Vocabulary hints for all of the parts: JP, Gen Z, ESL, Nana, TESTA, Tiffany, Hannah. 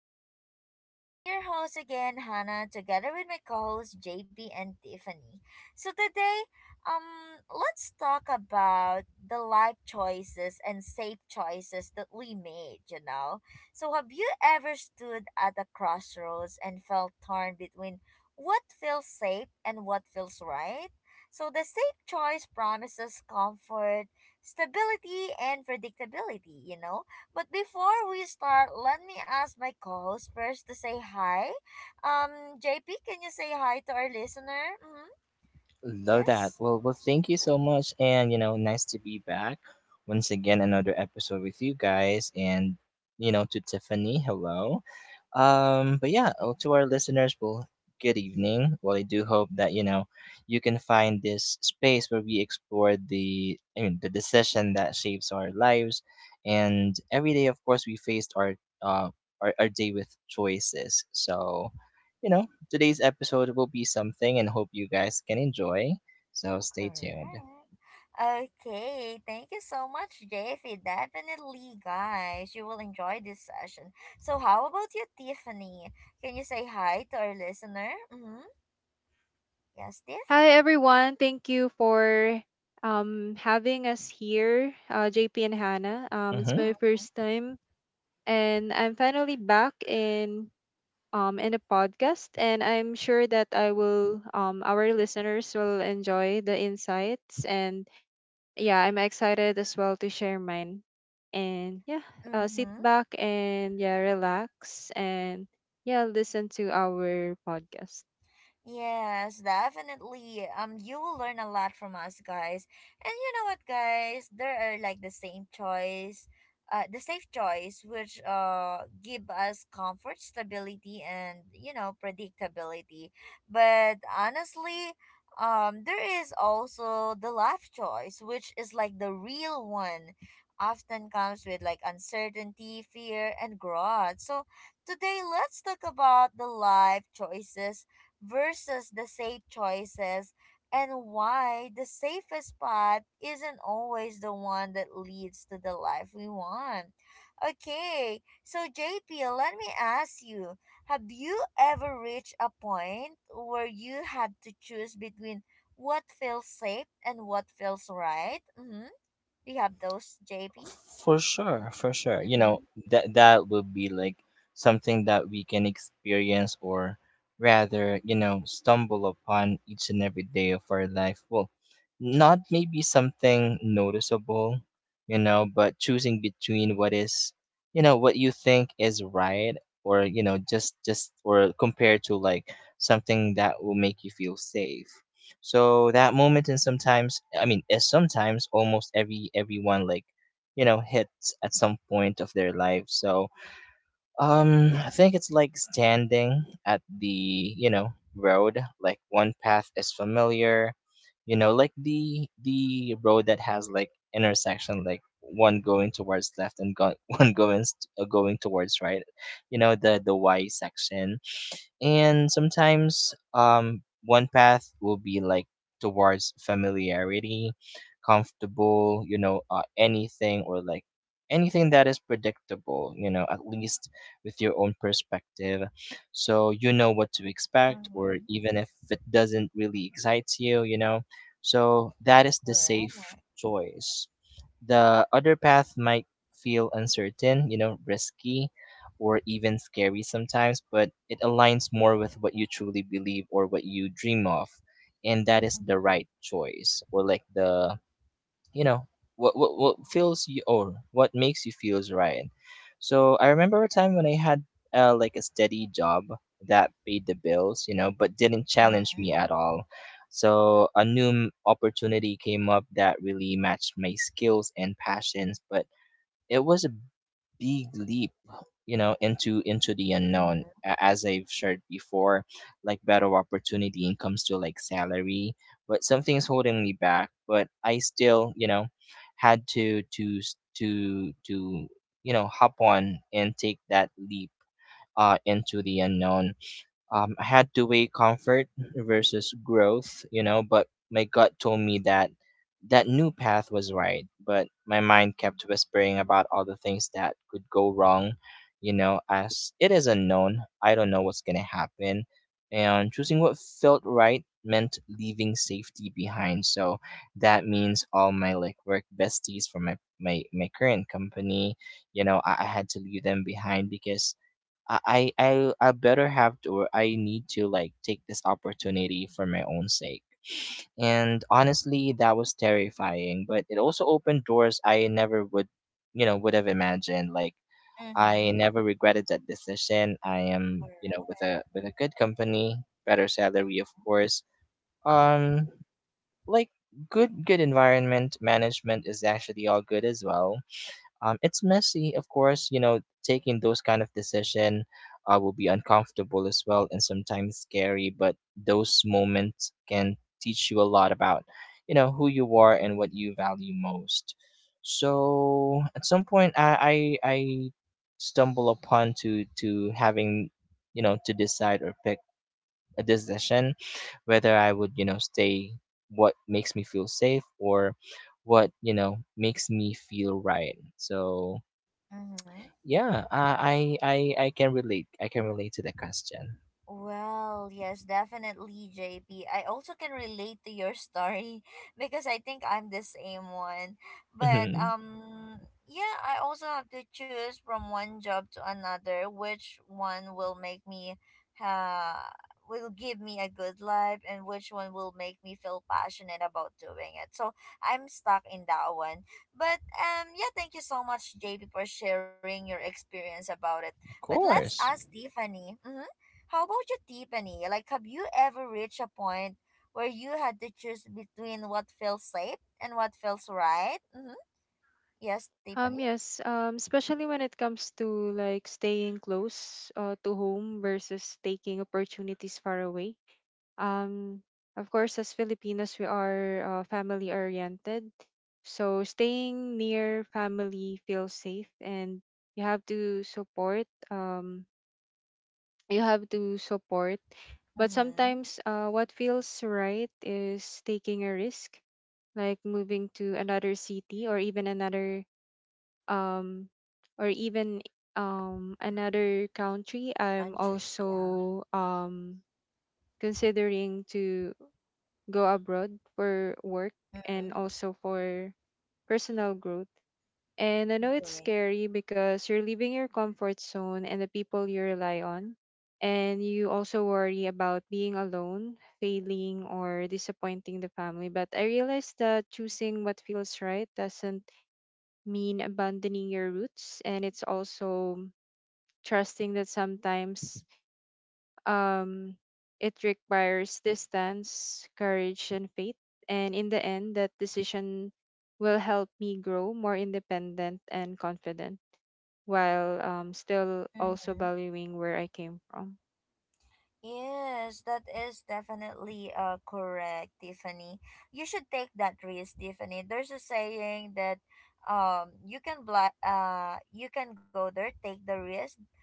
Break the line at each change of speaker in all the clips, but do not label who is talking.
me. So I'm your host again, Hannah, together with my co-hosts JP and Tiffany. So today, let's talk about the life choices and safe choices that we made, you know. So have you ever stood at a crossroads and felt torn between what feels safe and what feels right? So the safe choice promises comfort, stability and predictability. But before we start, let me ask my co-host first to say hi. JP, can you say hi to our listener? Mm-hmm.
Love that.
Yes,
Well, thank you so much, and you know, nice to be back once again, another episode with you guys, and you know, to Tiffany, hello. But yeah, oh, to our listeners, well, good evening. Well, I do hope that you know you can find this space where we explore the decision that shapes our lives, and every day, of course, we faced uh our day with choices. You know. Today's episode will be something, and hope you guys can enjoy. So stay
correct.
tuned.
Okay, thank you so much, JP. Definitely, guys, you will enjoy this session. So, how about you, Tiffany? Can you say hi to our listener? Mm-hmm. Yes, Tiff.
Hi everyone, thank you for having us here, JP and Hannah. It's
hmm
my first time, and I'm finally back in a podcast, and I'm sure that I will our listeners will enjoy the insights, and yeah, I'm excited as well to share mine, and yeah, sit
Mm-hmm.
back and yeah, relax and yeah, listen to our podcast.
Yes, definitely. You will learn a lot from us, guys. And you know what, guys? There are like the same choice, the safe choice, which give us comfort, stability, and predictability. But honestly, there is also the life choice, which is like the real one. Often comes with like uncertainty, fear, and growth. So today, let's talk about the life choices versus the safe choices and why the safest path isn't always the one that leads to the life we want. Okay, so JP, let me ask you, have you ever reached a point where you had to choose between what feels safe and what feels right? Mm-hmm. Do you have those, JP?
For sure. You know,
Mm-hmm.
that would be like something that we can experience or rather, you know, stumble upon each and every day of our life. Well, not maybe something noticeable, you know, but choosing between what is, you know, what you think is right or, you know, just or compared to like something that will make you feel safe. So that moment, and sometimes sometimes almost everyone like you know hits at some point of their life. So I think it's like standing at the you know road, like one path is familiar, you know, like the road that has like intersection, like one going towards left and one going going towards right, you know, the Y section. And sometimes one path will be like towards familiarity, comfortable, you know, anything or like anything that is predictable, you know, at least with your own perspective, so you know what to expect, or
Mm-hmm.
even if it doesn't really excite you, you know. So that is the
Correct.
safe choice. The other path might feel uncertain, you know, risky, or even scary sometimes, but it aligns more with what you truly believe or what you dream of. And that is
Mm-hmm.
the right choice, or like the you know what feels you or what makes you feels right. So I remember a time when I had like a steady job that paid the bills, you know, but didn't challenge
Mm-hmm.
me at all. So a new opportunity came up that really matched my skills and passions, but it was a big leap, you know, into the unknown.
Mm-hmm.
As I've shared before, like better opportunity and comes to like salary, but something's holding me back, but I still you know had to s- to you know hop on and take that leap into the unknown. I had to weigh comfort versus growth, you know, but my gut told me that that new path was right, but my mind kept whispering about all the things that could go wrong, you know, as it is unknown. I don't know what's going to happen. And choosing what felt right meant leaving safety behind. So that means all my like work besties from my current company, you know, I had to leave them behind because I, I I better have to, or I need to like take this opportunity for my own sake. And honestly, that was terrifying, but it also opened doors I never would, you know, would have imagined. Like
Mm-hmm.
I never regretted that decision. I am, you know,
Correct.
with a good company, better salary, of
Mm-hmm.
course. Um, like good environment, management is actually all good as well. It's messy, of course. You know, taking those kind of decision will be uncomfortable as well, and sometimes scary. But those moments can teach you a lot about, you know, who you are and what you value most. So at some point, I stumble upon to having, you know, to decide or pick a decision whether I would, you know, stay what makes me feel safe or what, you know, makes me feel right. So
Mm-hmm.
yeah, I can relate. I can relate to the question.
Well, yes, definitely, J P. I also can relate to your story because I think I'm the same one. But
hmm
yeah, I also have to choose from one job to another, which one will make me uh will give me a good life and which one will make me feel passionate about doing it. So, I'm stuck in that one. But yeah, thank you so much, JP, for sharing your experience about it. But
Of
let's ask
course,
Tiffany. Mhm. How about you, Tiffany? Like, have you ever reached a point where you had to choose between what feels safe and what feels right? Mm-hmm. Yes, Tiffany?
Yes, especially when it comes to like staying close to home versus taking opportunities far away. Um, of course, as Filipinos, we are family oriented. So staying near family feels safe and you have to supportyou have to support. But
Mm-hmm.
sometimes what feels right is taking a risk, like moving to another city or um, even
Yeah.
another country. I'm
Country. Yeah.
also considering to go abroad for work and
Mm-hmm.
also for personal growth. And I know it's
Great.
scary because you're leaving your comfort zone and the people you rely on. And you also worry about being alone, failing, or disappointing the family. But I realized that choosing what feels right doesn't mean abandoning your roots, and it's also trusting that sometimes um it requires distance, courage, and faith. And in the end, that decision will help me grow more independent and confident while still also
Mm-hmm.
valuing where I came from.
Yes, that is definitely correct, Tiffany. You should take that risk, Tiffany. There's a saying that you can you can go there, take the risk,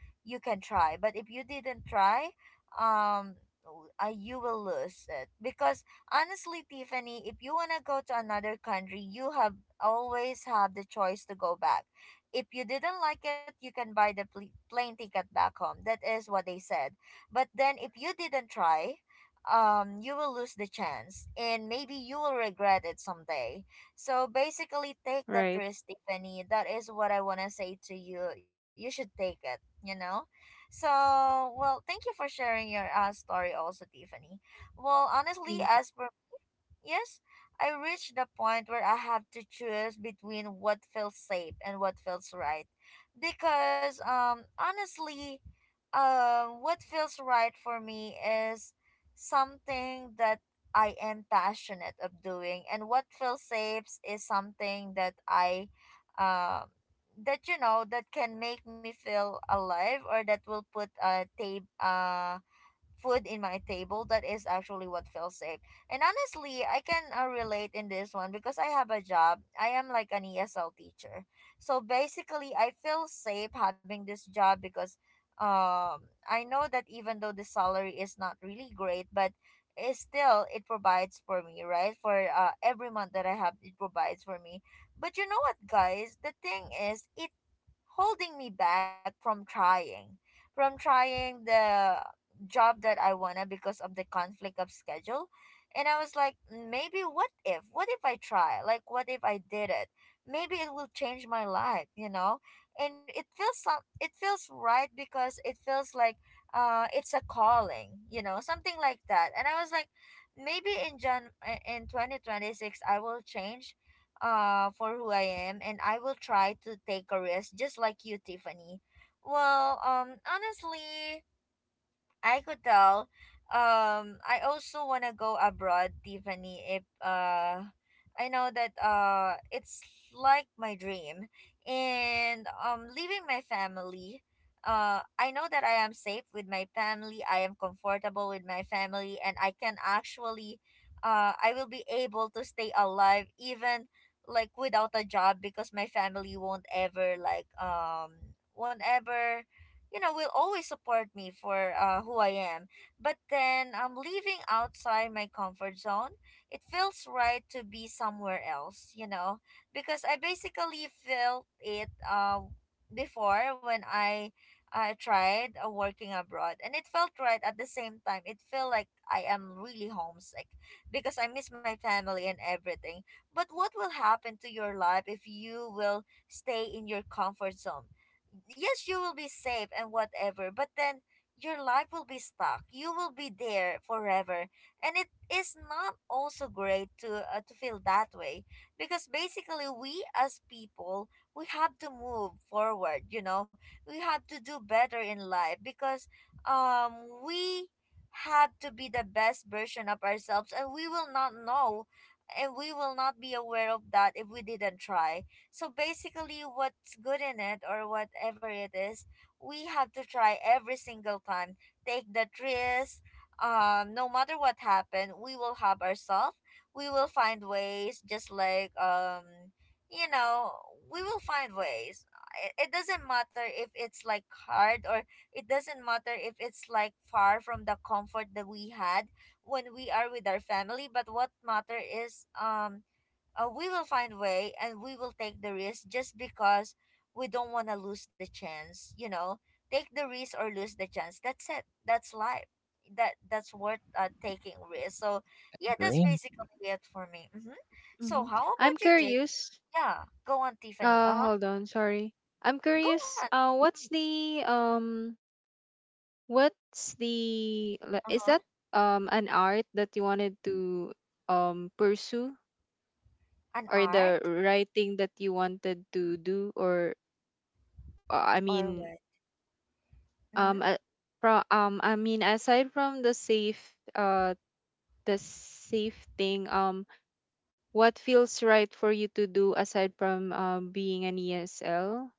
you can try. But if you didn't try, you will lose it. Because honestly, Tiffany, if you wanna go to another country, you have always have the choice to go back. If you didn't like it, you can buy the plane ticket back home. That is what they said, but then if you didn't try, you will lose the chance and maybe you will regret it someday. So basically, take that
Right.
risk, Tiffany. That is what I want to say to you. You should take it, you know? So, well, thank you for sharing your story also, Tiffany. Well, honestly,
Thank
as for yes, I reached the point where I have to choose between what feels safe and what feels right. Because honestly, what feels right for me is something that I am passionate of doing, and what feels safe is something that um, that you know that can make me feel alive or that will put a tape food in my table. That is actually what feels safe. And honestly, I can relate in this one because I have a job. I am like an ESL teacher. So basically, I feel safe having this job because um I know that, even though the salary is not really great, but it provides for me, right? For every month that I have, it provides for me. But you know what, guys? The thing is, it holding me back from trying the job that I wanna, because of the conflict of schedule. And I was like, "Mm, maybe what if? What if I try? Like what if I did it? Maybe it will change my life, you know?" And it feels right because it feels like it's a calling, you know, something like that. And I was like, maybe in 2026 I will change for who I am, and I will try to take a risk just like you, Tiffany. Well, honestly, I could tell. I also wanna go abroad, Tiffany. If I know that it's like my dream, and leaving my family. I know that I am safe with my family. I am comfortable with my family, and I can actually, I will be able to stay alive even like without a job, because my family won't ever like won't ever you know, will always support me for who I am. But then I'm leaving outside my comfort zone. It feels right to be somewhere else, you know, because I basically felt it before when I tried working abroad, and it felt right at the same time. It felt like I am really homesick because I miss my family and everything. But what will happen to your life if you will stay in your comfort zone? Yes, you will be safe and whatever, but then your life will be stuck. You will be there forever. And it is not also great to feel that way, because basically we as people, we have to move forward, you know. We have to do better in life because um we have to be the best version of ourselves, and we will not know and we will not be aware of that if we didn't try. So basically, what's good in it or whatever it is, we have to try every single time. Take that risk. No matter what happened, we will have ourselves. We will find ways, just like you know, we will find ways. It doesn't matter if it's like hard, or it doesn't matter if it's like far from the comfort that we had when we are with our family. But what matter is we will find way and we will take the risk, just because we don't want to lose the chance, you know. Take the risk or lose the chance. That's it. That's life. That's worth taking risk. So yeah, that's
green.
basically it for me. Mm-hmm.
you.
So
Hmm.
how
I'm
about you, Jake?
curious.
Yeah, go on, Tiffany. Uh-huh.
Hold on, sorry. I'm
Go on.
curious. What's the, like, is that
Uh-huh.
an art that you wanted to pursue,
An
or the
art
writing that you wanted to do, or I
or
mean,
what? Mm-hmm.
um uh, pro I mean, aside from the safe, uh the safe thing, what feels right for you to do aside from being an ESL?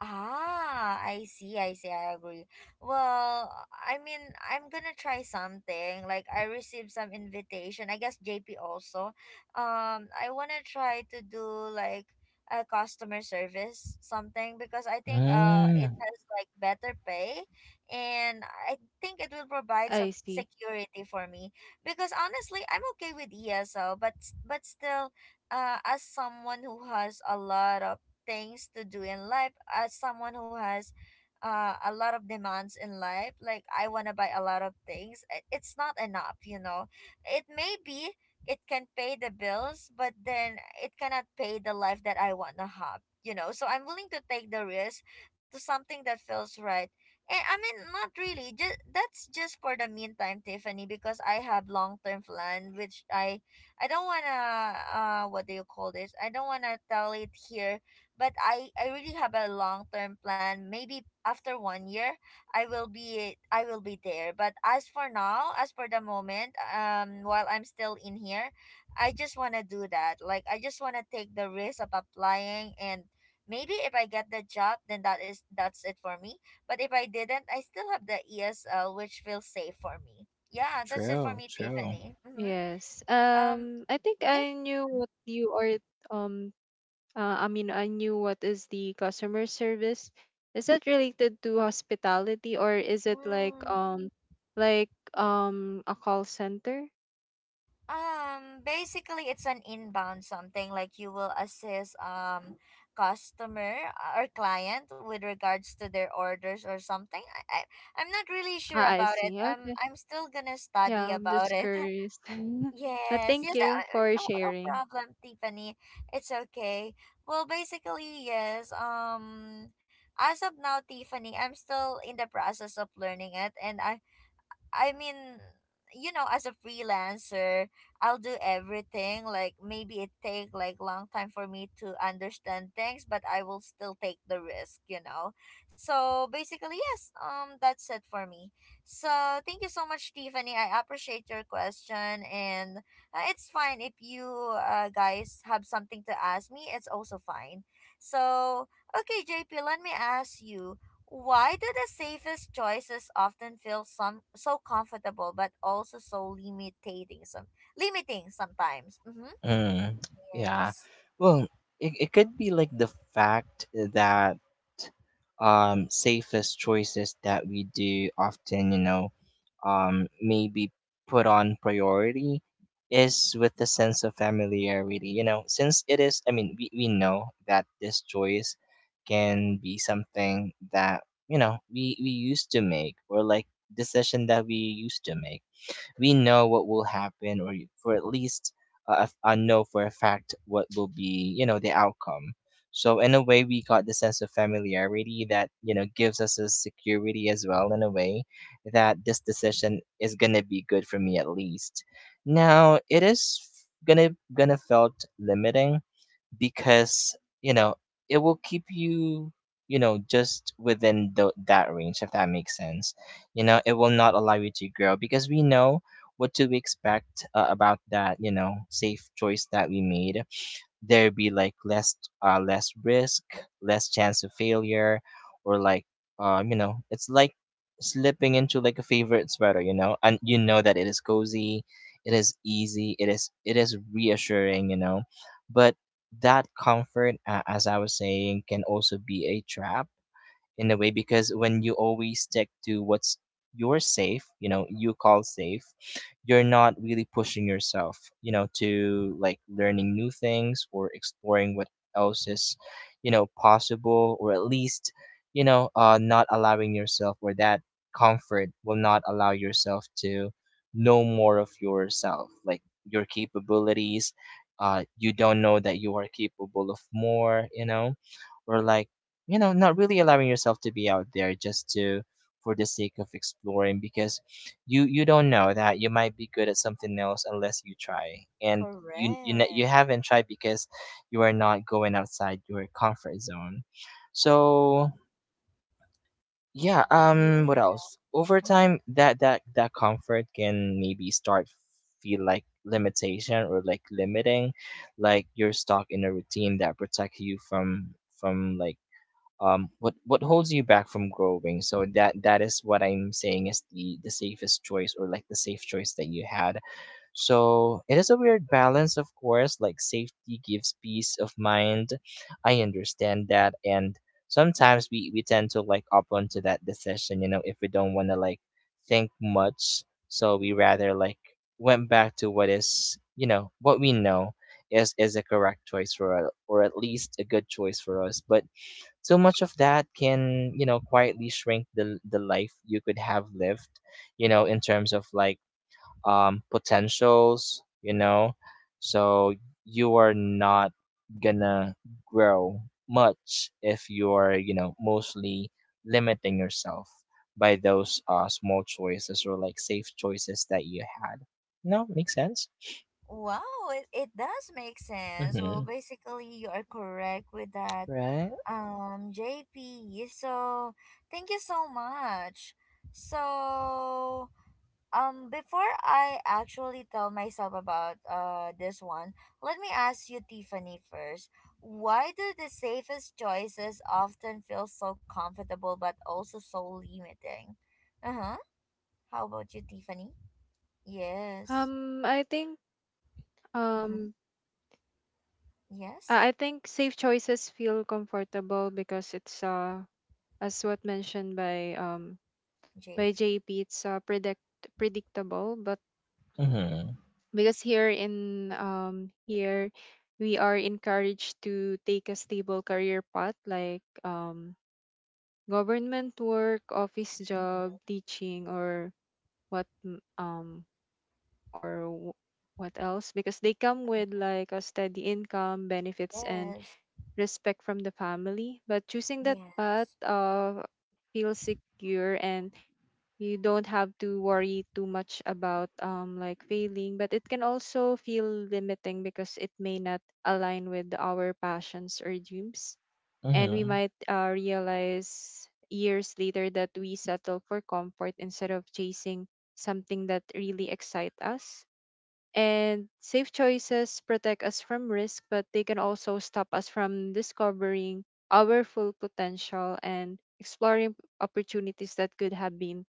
Ah, I see, I see, I agree. Well, I mean, I'm gonna try something. Like, I received some invitation. I guess JP also. I wanna try to do like a customer service something, because I think it
Mm,
has like better pay, and I think it will provide so
I see.
security for me. Because honestly, I'm okay with ESL, but still, as someone who has a lot of things to do in life, as someone who has a lot of demands in life, like I want to buy a lot of things, it's not enough, you know. It may be it can pay the bills, but then it cannot pay the life that I want to have, you know. So I'm willing to take the risk to something that feels right. And I mean, not really, just that's just for the meantime, Tiffany, because I have long-term plan, which I don't wanna, what do you call this? I don't wanna tell it here, but I really have a long term plan. Maybe after 1 year, I will be there. But as for now, as for the moment, while I'm still in here, I just wanna do that. Like I just wanna take the risk of applying. And maybe if I get the job, then that's it for me. But if I didn't, I still have the ESL, which feels safe for me. Yeah, that's it for
true,
me,
true.
Tiffany. Mm-hmm.
Yes.
Um,
I think
yeah.
I knew what you are, um I mean, I knew what is the customer service. Is that related to hospitality, or is it like
Mm.
um like um a call center?
Basically, it's an inbound something, like you will assist customer or client with regards to their orders or something. I'm not really sure
Ah, I
about it.
see. Okay.
I'm still gonna
Yeah,
study
I'm
about
just
it.
curious. But
Yes,
thank
yes.
you for
No, no
sharing.
problem, Tiffany. It's okay. Well, basically, yes. As of now, Tiffany, I'm still in the process of learning it, and I mean, you know, as a freelancer, I'll do everything. Like maybe it take like long time for me to understand things, but I will still take the risk, you know. So basically, yes, that's it for me. So thank you so much, Tiffany. I appreciate your question, and it's fine if you guys have something to ask me, it's also fine. So, okay, JP, let me ask you, why do the safest choices often feel some so comfortable but also so limiting sometimes? Mm-hmm.
Mm, yeah.
Yes,
Well, it could be like the fact that safest choices that we do often, you know, maybe put on priority is with the sense of familiarity, you know, since it is we know that this choice can be something that, you know, we used to make, or like decision that we used to make. We know what will happen, or for at least know for a fact what will be, you know, the outcome. So in a way, we got the sense of familiarity that you know gives us a security as well. In a way, that this decision is gonna be good for me at least. Now it is gonna gonna felt limiting because you know it will keep you you know just within the that range, if that makes sense. You know, it will not allow you to grow because we know what to expect about that you know safe choice that we made. There be like less less risk, less chance of failure, or like you know it's like slipping into like a favorite sweater, you know, and you know that it is cozy, it is easy, it is reassuring, you know, but that comfort, as I was saying, can also be a trap in a way, because when you always stick to what's you're safe, you know, you call safe, you're not really pushing yourself, you know, to like learning new things or exploring what else is, you know, possible, or at least, you know, not allowing yourself, or that comfort will not allow yourself to know more of yourself, like your capabilities. You don't know that you are capable of more, you know, or like you know not really allowing yourself to be out there just to for the sake of exploring, because you don't know that you might be good at something else unless you try, and you you
correct.
haven't tried because you are not going outside your comfort zone. So yeah,
Yeah.
what else, over
Mm-hmm.
time that that comfort can maybe start feel like limitation, or like limiting, like you're stuck in a routine that protects you from like what holds you back from growing. So that that is what I'm saying is the safest choice, or like the safe choice that you had. So it is a weird balance, of course, like safety gives peace of mind. I understand that, and sometimes we tend to like up onto that decision, you know, if we don't want to like think much, so we rather like went back to what is you know what we know is a correct choice for us, or at least a good choice for us. But so much of that can you know quietly shrink the life you could have lived, you know, in terms of like potentials, you know. So you are not gonna grow much if you're you know mostly limiting yourself by those small choices, or like safe choices that you had. No, makes sense.
Wow, it does make sense. Well,
mm-hmm
basically you are correct with that.
right.
Um, JP. So, thank you so much. So, before I actually tell myself about this one, let me ask you, Tiffany, first. Why do the safest choices often feel so comfortable but also so limiting? Uh huh. How about you, Tiffany? Yes.
Um, I think
Mm-hmm.
um
Yes.
I think safe choices feel comfortable because it's as what mentioned by by
JP.
JP, it's predictable. But
mm-hmm
because here we are encouraged to take a stable career path, like government work, office job,
Mm-hmm.
teaching, or what m- or w- what else, because they come with like a steady income, benefits, and
Yes.
respect from the family. But choosing that path
Yes.
feels secure, and you don't have to worry too much about like failing, but it can also feel limiting because it may not align with our passions or dreams, and we
mm-hmm
might realize years later that we settle for comfort instead of chasing something that really excites us. And safe choices protect us from risk, but they can also stop us from discovering our full potential and exploring opportunities that could have been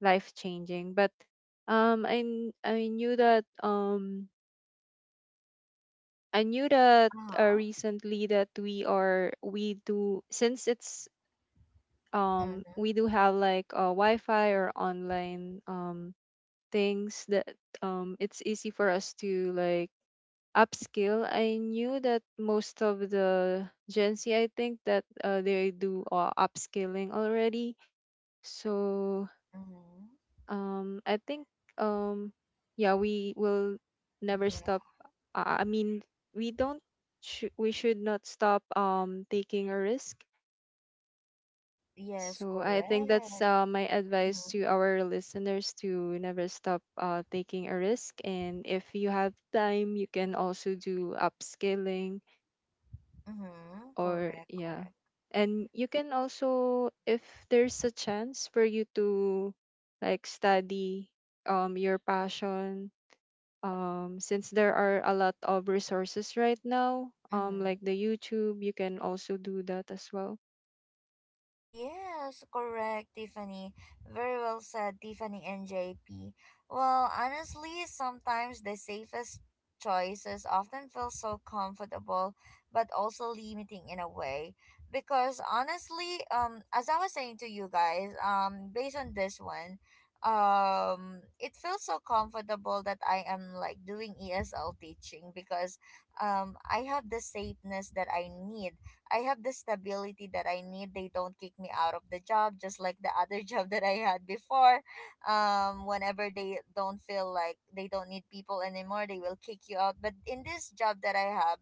life changing. But um, I kn- I knew that um I knew that
Uh huh.
recently, that we do, since it's
Mm-hmm.
we do have like Wi-Fi or online things that it's easy for us to like upskill. I knew that most of the Gen Z, I think that they do upskilling already. So
Mm-hmm.
I think, um, yeah, we will never
Yeah.
stop. I mean, we don't. We should not stop taking a risk.
Yes.
So I think that's
Correct.
my advice
Mm-hmm.
to our listeners, to never stop taking a risk. And if you have time, you can also do upskilling,
Mm-hmm.
or
Correct.
yeah,
Correct.
and you can also, if there's a chance for you to like study your passion, since there are a lot of resources right now, like
Mm-hmm.
the YouTube, you can also do that as well.
Yes, correct, Tiffany. Very well said, Tiffany and JP. Well, honestly, sometimes the safest choices often feel so comfortable but also limiting in a way because honestly, as I was saying to you guys, based on this one, it feels so comfortable that I am like doing ESL teaching because I have the safeness that I need. I have the stability that I need. They don't kick me out of the job, just like the other job that I had before. Whenever they don't feel like they don't need people anymore, they will kick you out. But in this job that I have,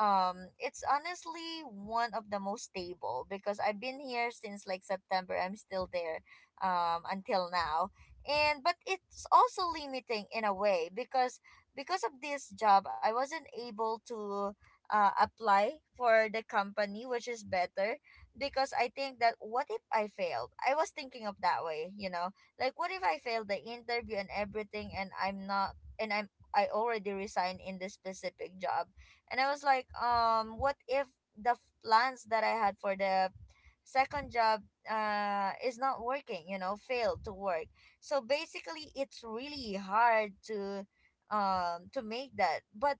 it's honestly one of the most stable because I've been here since like September. I'm still there, until now. And but it's also limiting in a way because of this job, I wasn't able to apply for the company, which is better because I think that, what if I failed? I was thinking of that way, you know, like what if I failed the interview and everything, and I'm I already resigned in this specific job, and I was like, what if the plans that I had for the second job is not working, you know, failed to work? So basically, it's really hard to make that. But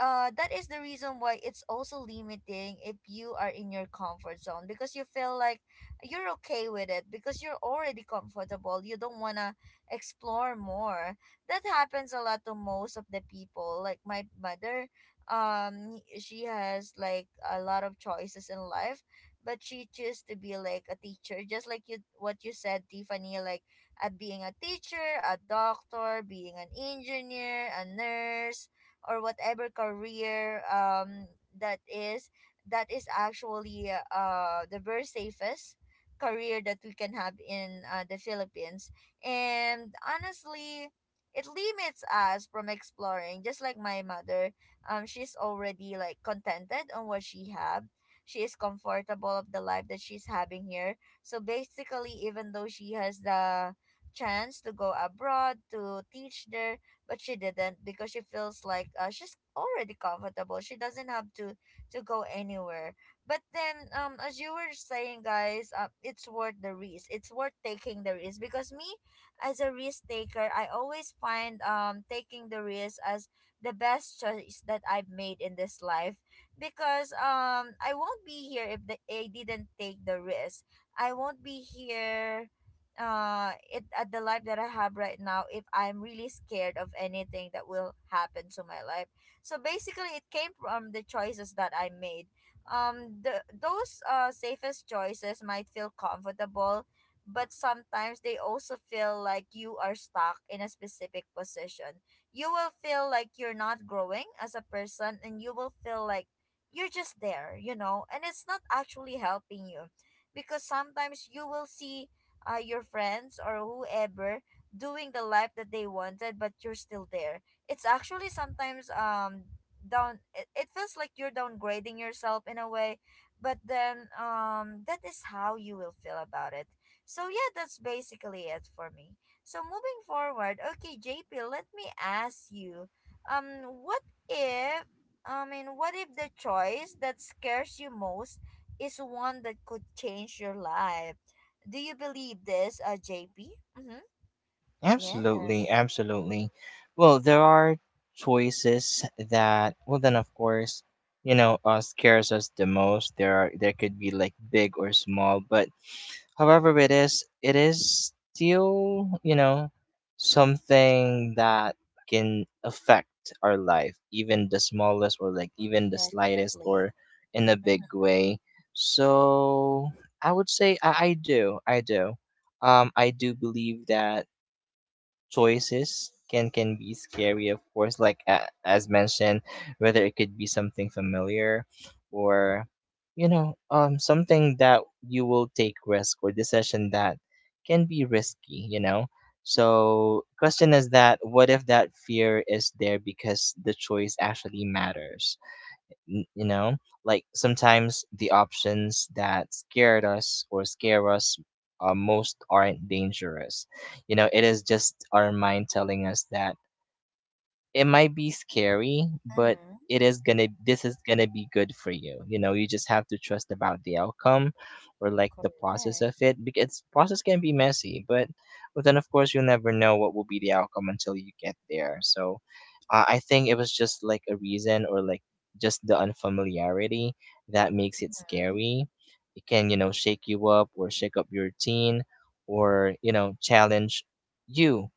that is the reason why it's also limiting if you are in your comfort zone, because you feel like you're okay with it because you're already comfortable, you don't want to explore more. That happens a lot to most of the people, like my mother. She has like a lot of choices in life, but she chose to be like a teacher, just like you what you said, Tiffany. Like, being a teacher, a doctor, being an engineer, a nurse, or whatever career, that is, that is actually the very safest career that we can have in, the Philippines. And honestly, it limits us from exploring, just like my mother. She's already like contented on what she have. She is comfortable of the life that she's having here. So basically, even though she has the chance to go abroad to teach there, but she didn't, because she feels like, she's already comfortable. She doesn't have to go anywhere. But then, as you were saying, guys, it's worth the risk. It's worth taking the risk because me, as a risk taker, I always find taking the risk as the best choice that I've made in this life. Because I won't be here if I didn't take the risk. I won't be here, it at the life that I have right now, if I'm really scared of anything that will happen to my life. So basically, it came from the choices that I made. The those safest choices might feel comfortable, but sometimes they also feel like you are stuck in a specific position. You will feel like you're not growing as a person, and you will feel like you're just there, you know, and it's not actually helping you. Because sometimes you will see your friends or whoever doing the life that they wanted, but you're still there. It's actually sometimes, down it feels like you're downgrading yourself in a way. But then, that is how you will feel about it. So yeah, that's basically it for me. So moving forward, okay, JP, let me ask you, what if, I mean, what if the choice that scares you most is one that could change your life? Do you believe this, JP? Mm-hmm.
Absolutely,
Yes,
absolutely. Well, there are choices that, well, then of course, you know, scares us the most. There are there could be like big or small, but however it is still, you know, something that can affect our life, even the smallest, or like even the slightest,
definitely.
or in a
Mm-hmm.
big way. So I would say I do, I do. I do believe that choices can be scary, of course, like a as mentioned, whether it could be something familiar, or you know something that you will take risk or decision that can be risky, you know. So question is that what if that fear is there because the choice actually matters. You know, like sometimes the options that scared us or scare us most aren't dangerous. You know, it is just our mind telling us that it might be scary, but
Mm-hmm.
it is gonna this is gonna be good for you. You know, you just have to trust about the outcome, or like the process of
Correct.
it, because process can be messy, but then of course you'll never know what will be the outcome until you get there. So I think it was just like a reason or like just the unfamiliarity that makes it
Mm-hmm.
scary. It can, you know, shake you up or shake up your routine or, you know, challenge you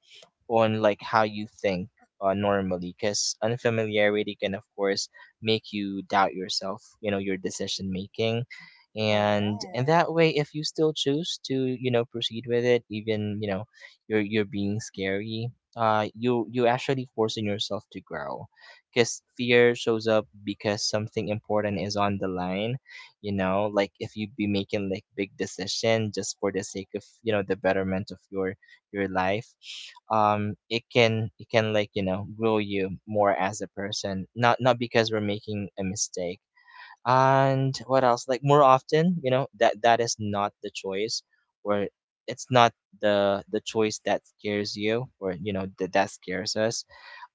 on like how you think normally, because unfamiliarity can, of course, make you doubt yourself, you know, your decision making. And
Correct.
that way, if you still choose to, you know, proceed with it, even, you know, you're being scary, you actually forcing yourself to grow, because fear shows up because something important is on the line. You know, like if you be making like big decision just for the sake of, you know, the betterment of your life It can, it can, like, you know, grow you more as a person, not because we're making a mistake. And what else, like, more often, you know, that is not the choice, or it's not the choice that scares you, or you know, that scares us.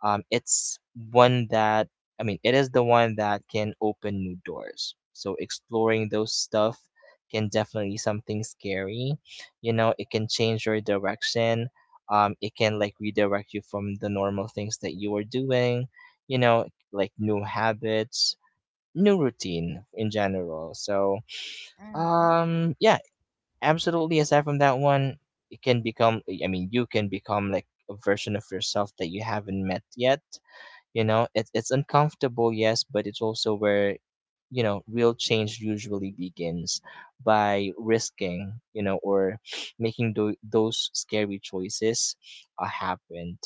It's one that, I mean, it is the one that can open new doors, so exploring those stuff can definitely something scary. You know, it can change your direction. It can, like, redirect you from the normal things that you were doing, you know, like new habits, new routine in general. So,
Mm-hmm.
yeah, absolutely. Aside from that one, it can become. I mean, you can become like a version of yourself that you haven't met yet. You know, it's uncomfortable, yes, but it's also where, you know, real change usually begins by risking, you know, or making those scary choices happened.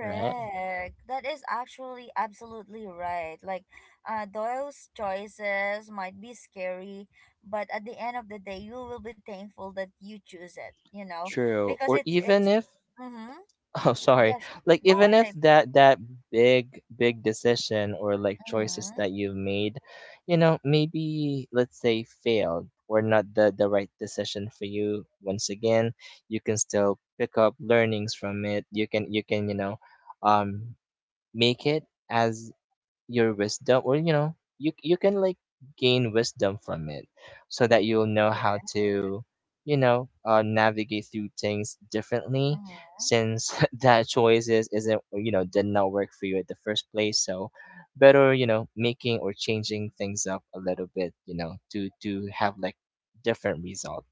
Right.
That is actually absolutely right. Like, Doyle's choices might be scary, but at the end of the day, you will be thankful that you choose it. You know,
True.
because
Or
it's it's.
even if
Mm-hmm.
Oh, sorry.
Yes.
Like,
Go on,
even if
JP.
that big decision or like choices that
Mm-hmm.
you've made, you know, maybe, let's say, failed or not the right decision for you. Once again, you can still pick up learnings from it. You can, you can, you know, um, make it as your wisdom. Or you know, you can, like, gain wisdom from it, so that you'll know how
Correct.
to, you know, navigate through things differently,
Mm-hmm.
since that choice is isn't you know, did not work for you at the first place. So better, you know, making or changing things up a little bit, you know, to have like different result.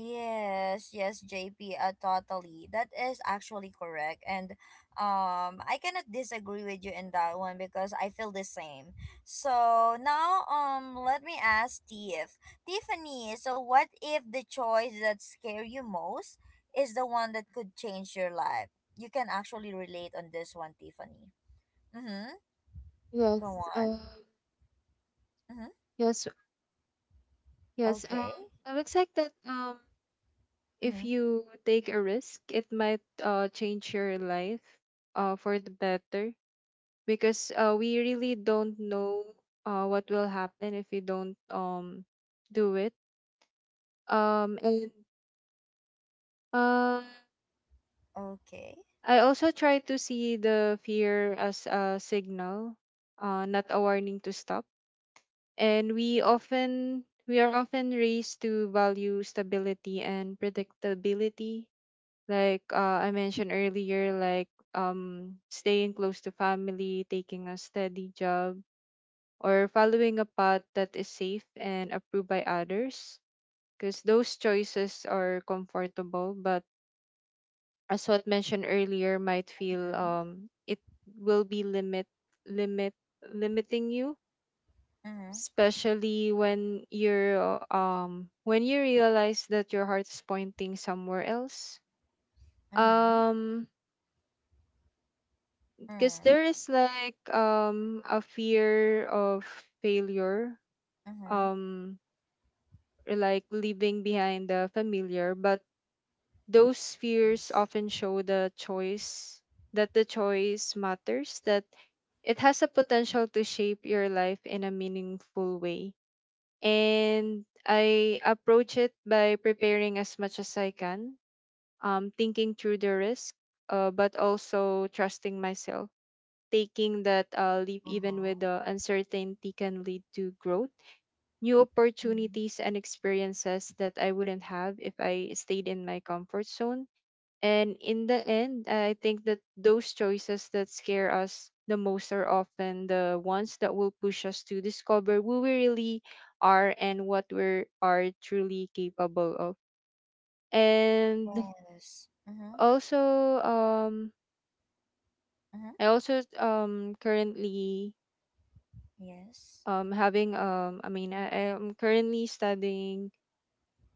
Yes, yes, JP, totally. That is actually correct. And I cannot disagree with you in that one, because I feel the same. So now, let me ask Tiff. Tiffany, so what if the choice that scare you most is the one that could change your life? You can actually relate on this one, Tiffany. Mm-hmm. Go
Yes,
on.
um,
Mm-hmm.
yes, yes.
Okay.
It looks like that. If
Mm-hmm.
you take a risk, it might change your life for the better, because we really don't know what will happen if we don't do it and uh,
Okay.
I also try to see the fear as a signal, not a warning to stop. And we are often raised to value stability and predictability, like I mentioned earlier, like staying close to family, taking a steady job, or following a path that is safe and approved by others, because those choices are comfortable, but as what mentioned earlier, might feel,
Mm-hmm.
it will be limit limiting you,
Mm-hmm.
especially when you're when you realize that your heart is pointing somewhere else.
Mm-hmm.
um because there is like a fear of failure,
Mm-hmm.
um or like leaving behind the familiar, but those fears
Yes.
often show the choice that the choice matters, that it has a potential to shape your life in a meaningful way. And I approach it by preparing as much as I can, thinking through the risk, but also trusting myself. Taking that leap, even
Uh-huh.
with the uncertainty, can lead to growth, new
Mm-hmm.
opportunities, and experiences that I wouldn't have if I stayed in my comfort zone. And in the end, I think that those choices that scare us the most are often the ones that will push us to discover who we really are and what we are truly capable of. And
Yes. Mm-hmm.
also, um,
Mm-hmm.
I also currently
Yes.
having I mean, I am currently studying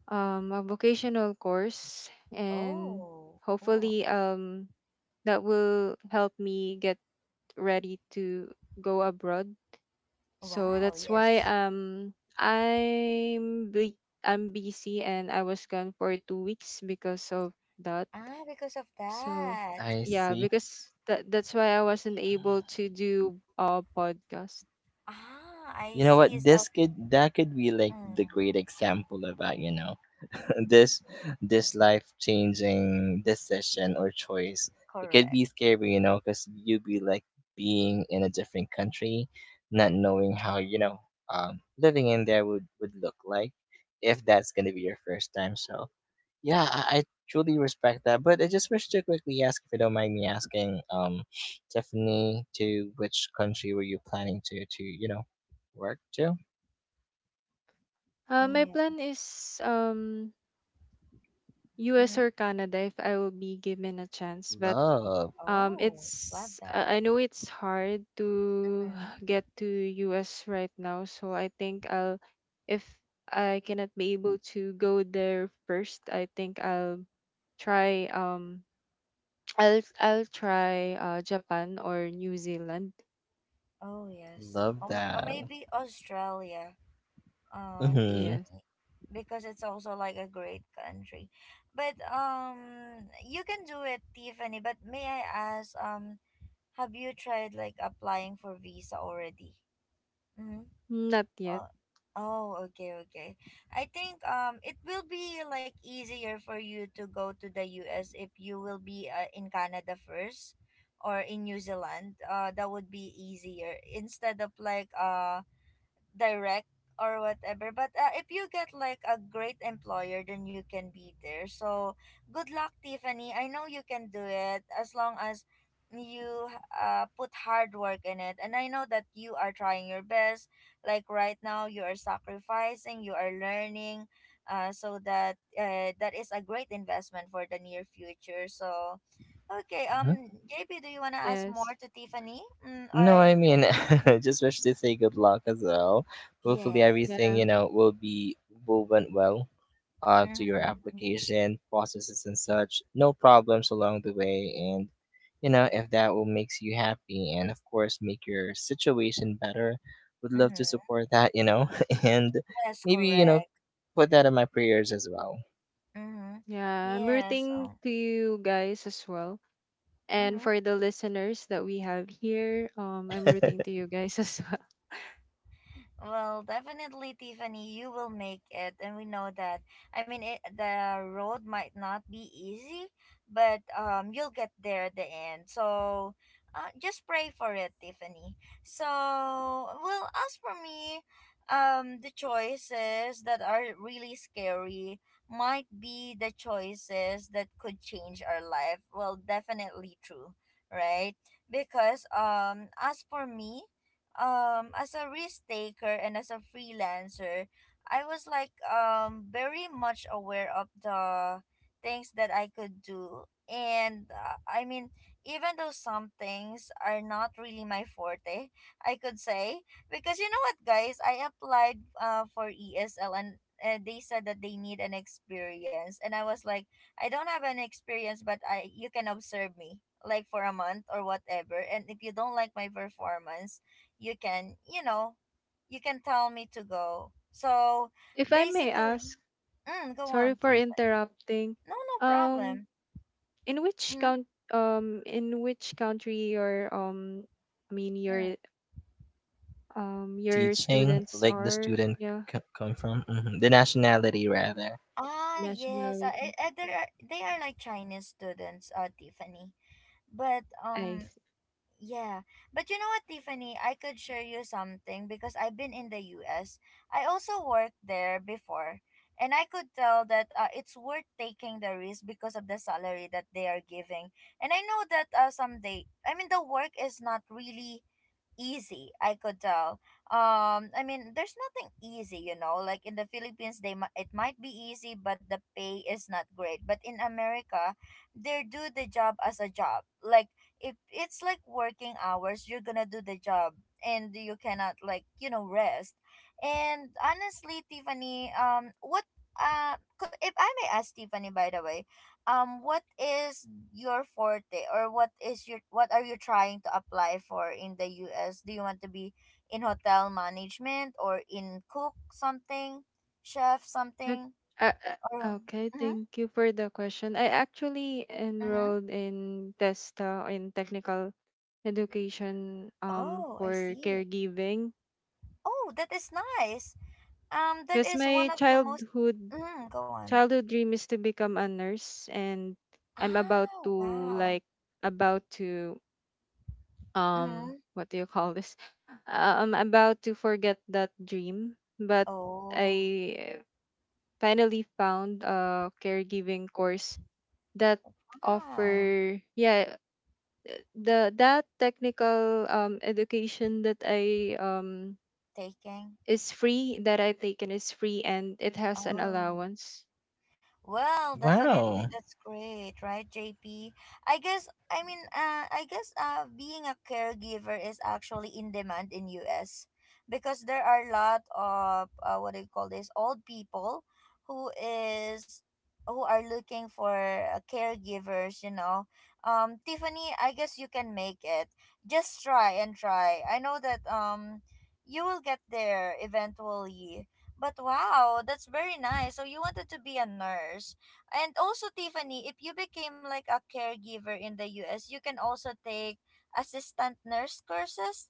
a vocational course, and
Oh, cool.
hopefully, that will help me get ready to go abroad. So
Wow,
that's why
yes.
I'm busy, and I was gone for 2 weeks because of that.
Ah, because of
So
that.
I
yeah,
see.
because that's why I wasn't able to do a podcast.
Ah, I
You know
see.
what?
So,
This could that could be, like, the
mm,
great example of that. You know, this life changing decision or choice. It could
correct.
be scary, you know, because you'd be like being in a different country, not knowing how, you know, living in there would look like, if that's gonna be your first time. So yeah, I truly respect that. But I just wish to quickly ask, if you don't mind me asking, Tiffany, to which country were you planning to you know, work to?
My
Yeah.
plan is US
Mm-hmm.
or Canada if I will be given a chance, but
Love,
Oh, love
It's
that.
I know it's hard to
Mm-hmm.
get to US right now, so I think, I'll if I cannot be able to go there first, I think I'll try I'll try Japan or New Zealand.
Oh, yes.
love
Or, or
that.
maybe Australia,
Mm-hmm.
Yes.
Tiffany, because it's also like a great country. But you can do it, Tiffany. But may I ask, have you tried like applying for visa already? Mm-hmm.
Not yet.
Uh, oh, okay, okay. I think it will be like easier for you to go to the US if you will be, in Canada first or in New Zealand. That would be easier instead of like direct or whatever. But if you get like a great employer, then you can be there. So good luck, Tiffany. I know you can do it as long as you, put hard work in it, and I know that you are trying your best. Like right now, you are sacrificing, you are learning, so that, that is a great investment for the near future. So okay,
Hmm.
JP, do you want to ask
Yes.
more to Tiffany? Mm,
No,
or
I
you?
mean, I just wish to say good luck as well. Hopefully,
Yes.
everything,
Yeah.
you know, will be will went well to your
Mm-hmm.
application processes and such. No problems along the way, and you know, if that will makes you happy, and of course make your situation better. Would love to
Mm-hmm.
support that, you know, and
That's
maybe, you know,
correct.
put that in my prayers as well.
Mm-hmm.
Yeah, I'm
Yes.
rooting to you guys as well. And
Mm-hmm.
for the listeners that we have here, I'm rooting to you guys as well.
Well, definitely, Tiffany, you will make it, and we know that. I mean, the road might not be easy, but you'll get there at the end. So, just pray for it, Tiffany. So, well, as for me, the choices that are really scary might be the choices that could change our life. Well, definitely true, right? Because as for me, as a risk taker and as a freelancer, I was like very much aware of the things that I could do. And I mean, even though some things are not really my forte, I could say, because you know what, guys, I applied, for ESL, and they said that they need an experience, and I was like, I don't have an experience, but I you can observe me like for a month or whatever, and if you don't like my performance, you can, you know, you can tell me to go. So
If I may
basically,
ask,
mm, go
sorry
on,
for
Tiffany.
interrupting.
No, no
Um,
problem.
in which
Mm,
count in which country your I mean,
mm.
your
Teaching,
students
like the
are,
student
yeah,
come from, hmm, the nationality rather.
Ah, yes,
nationality.
there are, they are like Chinese students, uh, Tiffany. But
I
um,
see.
yeah. But you know what, Tiffany? I could share you something because I've been in the US. I also worked there before. And I could tell that, it's worth taking the risk because of the salary that they are giving. And I know that, someday, I mean, the work is not really easy, I could tell. Um, I mean, there's nothing easy, you know, like in the Philippines, they it might be easy, but the pay is not great. But in America, they do the job as a job. Like if it's like working hours, you're gonna do the job, and you cannot like, you know, rest. And honestly, Tiffany, if I may ask, Tiffany, by the way, what is your forte, or what is your, what are you trying to apply for in the US? Do you want to be in hotel management or in cook something, chef
Ok-
something,
Uh,
or
okay,
mm-hmm,
thank you for the question. I actually
mm-hmm.
enrolled in TESTA, in technical education,
Oh, I
for
see.
caregiving,
Oh, that is nice. Um, that
because
is one
my
of the most,
childhood
mm, go on.
childhood dream is to become a nurse, and I'm about
Oh,
to,
wow.
like, about to,
Mm-hmm.
what do you call this? I'm about to forget that dream, but
Oh,
I finally found a caregiving course that
wow.
offer, yeah, the that technical education
Taking.
that I taken is free and it has an
Oh.
allowance.
Well, definitely
Wow,
that's great, right, JP? I guess, I mean, I guess being a caregiver is actually in demand in US because there are a lot of, what do you call this, old people who is, who are looking for, caregivers, you know. Um, Tiffany, I guess you can make it. Just try and try. I know that you will get there eventually, but wow, that's very nice. So you wanted to be a nurse. And also, Tiffany, if you became like a caregiver in the US, you can also take assistant nurse courses.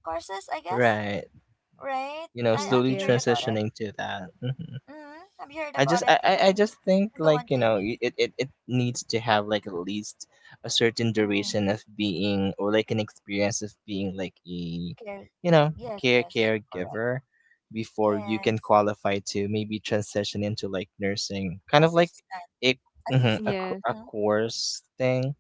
Courses, I guess,
right.
right?
You know,
Have
Thank
slowly
you heard
you.
about it?
transitioning to that. Mm.
Mm-hmm. Have you heard about it,
I
Tiffany?
just think,
Go on,
like, you know,
JP.
it, it it needs to have, like, at least a certain
Mm,
duration of being or like an experience of being like a,
Care.
you know,
Yes,
care
yes, correct.
caregiver, before you can
Yes,
qualify to maybe transition into like nursing kind of like
assistant,
a, mhm, a,
assistant.
Yeah,
a
Mm-hmm.
course thing.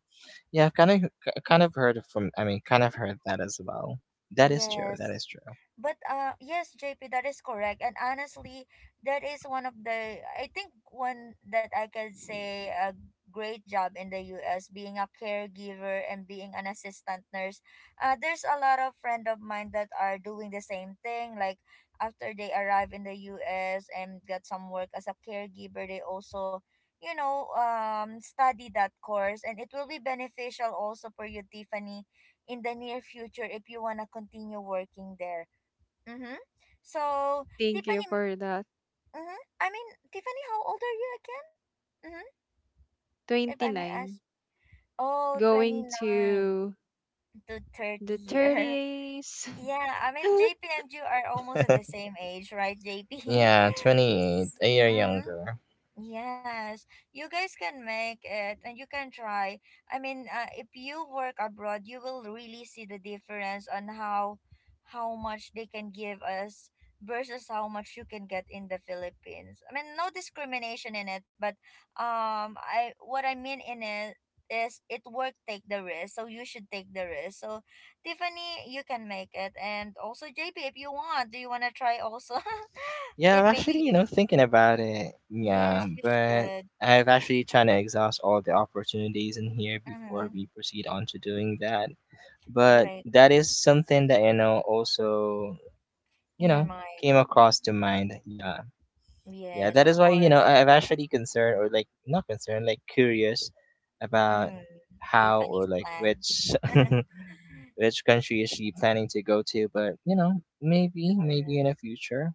Yeah, I've kind of kind of heard from, I mean, kind of heard that as well. That is true, that
Yes,
is true.
but yes, JP, that is correct. And honestly, that is one of the, I think, one that I could say a great job in the US being a caregiver and being an assistant nurse. There's a lot of friend of mine that are doing the same thing. Like after they arrive in the US and got some work as a caregiver, they also study that course, and it will be beneficial also for you, Tiffany, in the near future if you want to continue working there. Mm-hmm. So,
thank you
Tiffany,
for that.
mm-hmm, I mean, Tiffany, how old are you again? Mm-hmm. If I may ask.
29
Oh, twenty
going
nine
to
to 30
the
year.
30s.
Yeah, I mean, JP and you are almost at the same age, right, JP?
Yeah, 28, a year
Mm-hmm.
younger.
Yes, you guys can make it and you can try. I mean, if you work abroad, you will really see the difference on how much they can give us versus how much you can get in the Philippines. I mean, no discrimination in it, but I what I mean in it is it work take the risk, so you should take the risk. So, Tiffany, you can make it, and also JP, if you want, do you want to try also?
Yeah,
If
I'm actually, you know,
maybe.
thinking about it. Yeah,
Yes, you
but
should.
I've actually trying to exhaust all the opportunities in here
Mm-hmm.
before we proceed on to doing that. But
Great,
that
right.
is something that, you know, also, you
In your
know,
mind.
came across to mind. Yeah. Yeah,
Yes,
that
of
is why, you know,
course.
I've actually concerned, or like not concerned, like curious about
Mm,
how
Tiffany's
or like
plan.
which which country is she planning to go to, but you know, maybe, maybe in the
Correct.
future.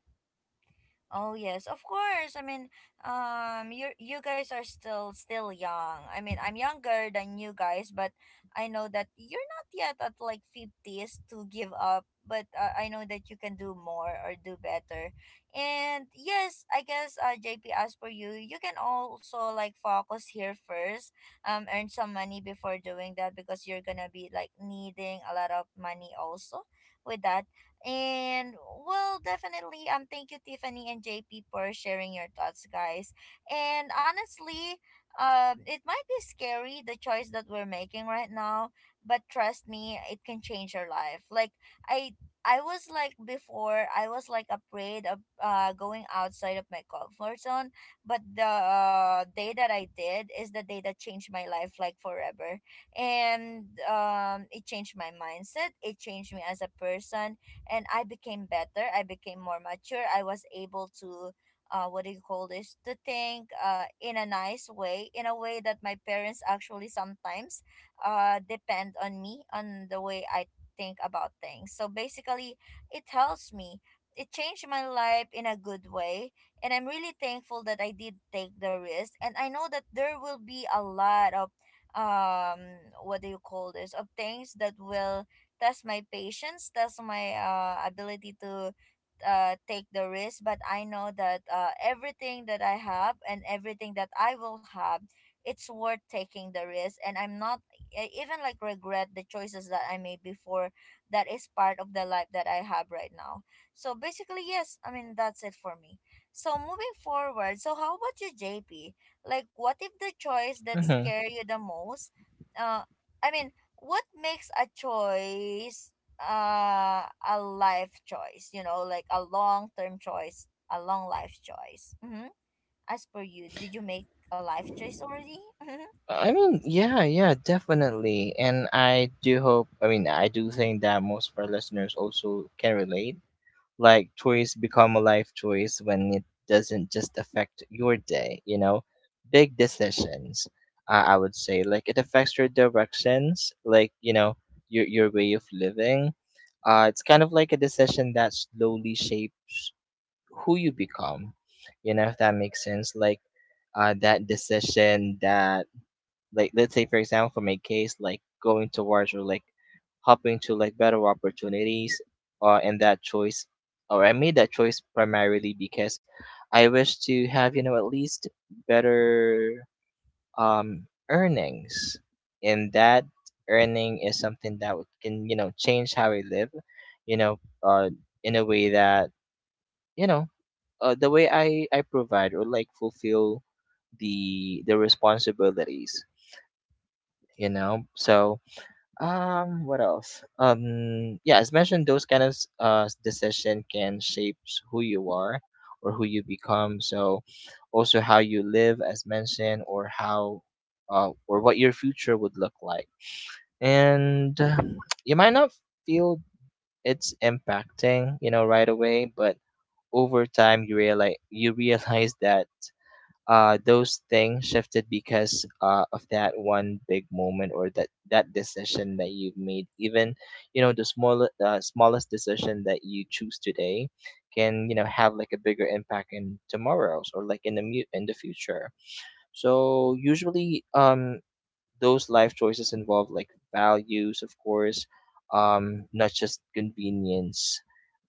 Oh yes, of course. I mean, you guys are still young. I mean, I'm younger than you guys, but I know that you're not yet at like 50s to give up. But I know that you can do more or do better. And yes, I guess JP, as for you, you can also like focus here first. Earn some money before doing that because you're gonna be like needing a lot of money also with that, and well, definitely, thank you, Tiffany and JP, for sharing your thoughts, guys. And honestly, it might be scary, the choice that we're making right now, but trust me, it can change your life. Like I, I was like before, I was like afraid of going outside of my comfort zone, but the day that I did is the day that changed my life like forever, and it changed my mindset, it changed me as a person, and I became better. I became more mature. I was able to what do you call this? To think in a nice way, in a way that my parents actually sometimes depend on me on the way I think about things. So basically it helps me. It changed my life in a good way, and I'm really thankful that I did take the risk, and I know that there will be a lot of um what do you call this of things that will test my patience, test my ability to take the risk. But I know that everything that I have and everything that I will have, it's worth taking the risk. And I'm not, I even like regret the choices that I made before. That is part of the life that I have right now. So basically, yes, I mean, that's it for me. So moving forward, so how about you, JP? Like, what if the choice that
Hmm.
scare you the most? Uh, I mean, what makes a choice a life choice, like a long term choice, a long life choice? Mm-hmm. As per you, did you make a life choice already? Mm-hmm.
I mean, yeah, yeah, definitely. And I do hope, I mean, I do think that most of our listeners also can relate. Like, choice become a life choice when it doesn't just affect your day, you know? Big decisions, I would say. Like, it affects your directions, like, you know, your way of living. It's kind of like a decision that slowly shapes who you become, you know, if that makes sense. Like, that decision that, like, let's say, for example, for my case, like going towards or like hopping to, like, better opportunities, and that choice, or I made that choice primarily because I wish to have, you know, at least better, earnings. And that earning is something that can, you know, change how I live, you know, in a way that, you know, the way I provide or like fulfill the responsibilities, you know. So, what else? Yeah, as mentioned, those kind of decision can shape who you are or who you become. So, also how you live, as mentioned, or how, or what your future would look like. And you might not feel it's impacting, you know, right away, but over time you realize that, those things shifted because, of that one big moment, or that decision that you've made. Even, you know, the small, smallest decision that you choose today can, you know, have like a bigger impact in tomorrow's or like in the in the future. So usually, those life choices involve like values, of course, not just convenience.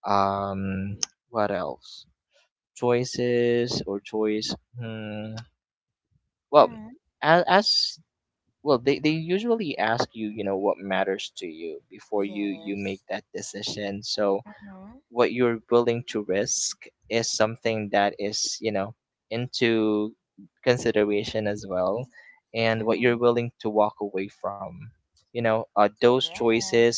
um what else, choices or choice, hmm. Well,
Mm-hmm.
as, well, they, usually ask you, you know, what matters to you before you make
Yes.
that decision. So
Mm-hmm.
what you're willing to risk is something that is, you know, into consideration as well, and what
Mm-hmm.
you're willing to walk away from. You know, those
Correct.
choices,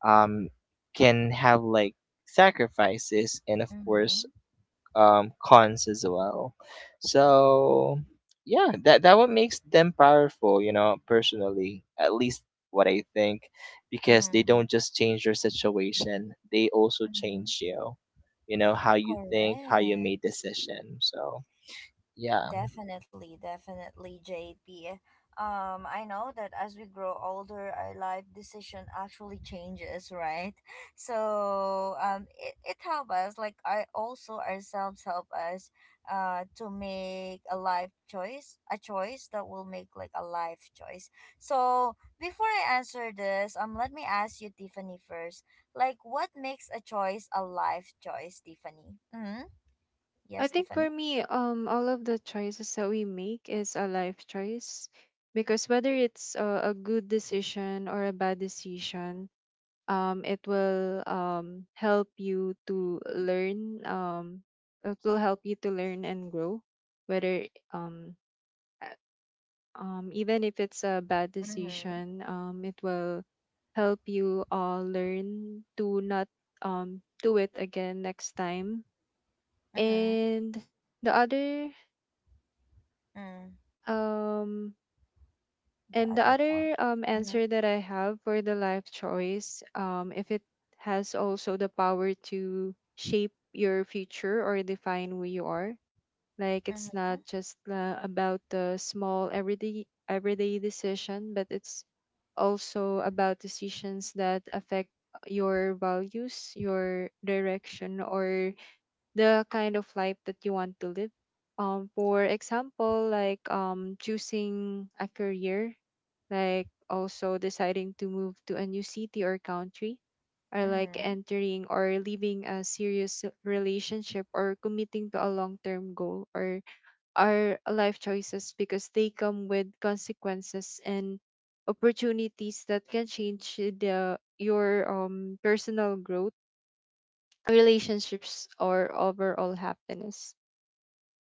um, can have like sacrifices, and of course,
Mm-hmm.
cons as well. So yeah, that what makes them powerful, you know, personally, at least what I think, because they
Mm-hmm.
don't just change your situation, they also change
Mm-hmm.
you, you know, how you think, how you
Correct.
make decision. So yeah.
Definitely, definitely, JP. I know that as we grow older, our life decision actually changes, right? So, it helps us, like, I also ourselves help us, to make a life choice, a choice that will make like a life choice. So, before I answer this, let me ask you, Tiffany, first, like, what makes a choice a life choice, Tiffany? Mm-hmm.
I
Yes,
think
Tiffany.
for me, all of the choices that we make is a life choice, because whether it's a good decision or a bad decision, it will, help you to learn. It will help you to learn and grow. Whether Even if it's a bad
Mm-hmm.
decision, it will help you learn to not, do it again next time.
Mm-hmm.
And the other
Mm,
um,
the
the
other point.
other
Mm-hmm,
answer that I have for the life choice, if it has also the power to shape your future or define who you are, like
mm-hmm,
it's not just about the small everyday decision, but it's also
mm-hmm.
about decisions that affect your values, your direction, or the kind of life that you want to live. For example, like choosing a career, like also deciding to move to a new city or country, or like
Mm-hmm.
entering or leaving a serious relationship, or committing to a long term goal, or are life choices because they come with consequences and opportunities that can change the your personal growth, relationships, or overall happiness.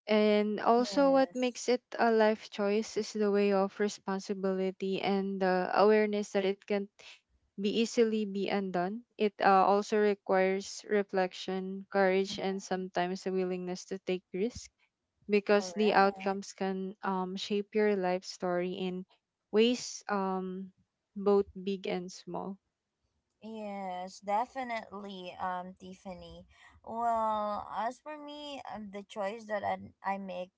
And also, what
Yes.
makes it a life choice is the way of responsibility and the awareness that it can be easily be undone. It also requires reflection, courage, and
Mm-hmm.
sometimes a willingness to take risks, because the
Correct.
outcomes can, shape your life story in ways, both big and small.
Yes, definitely, Tiffany. Well, as for me, the choice that I make,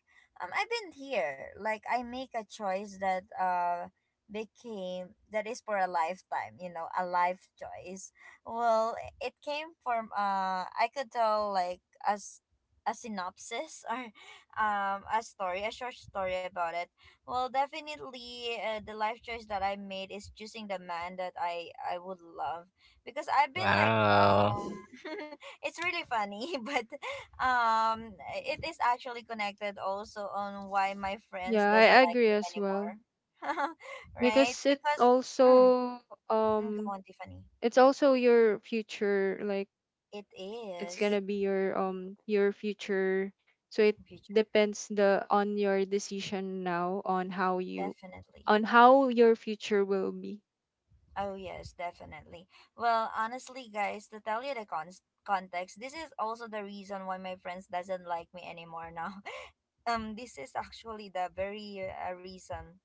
I've been here. Like, I make a choice that became, that is for a lifetime. You know, a life choice. Well, it came from I could tell like as a synopsis or a story, a short story about it. Well, definitely, the life choice that I made is choosing the man that I would love, because I've been like
Wow.
it's really funny. But it is actually connected also on why my friends
Yeah, I
doesn't like
agree
me
as
anymore.
well,
Right,
because
because, mm, go
um
on, Tiffany.
it's also your future, like
It
it's going
is
to be your future, so it
future,
depends the on your decision now, on how you
definitely.
on how your future will be.
Oh yes, definitely. Well, honestly, guys, to tell you the cons context, this is also the reason why my friends doesn't like me anymore now. This is actually the very reason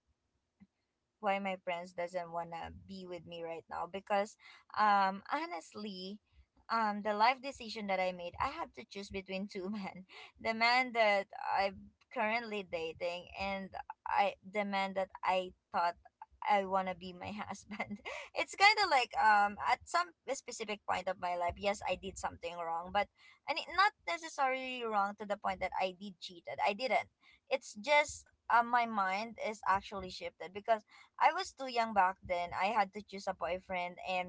why my friends doesn't wanna be with me right now, because honestly, the life decision that I made, I had to choose between two men, the man that I'm currently dating and I the man that I thought I wanna be my husband. It's kind of like at some specific point of my life, yes, I did something wrong, but and it not necessarily wrong to the point that I did cheated, I didn't, it's just my mind is actually shifted because I was too young back then. I had to choose a boyfriend, and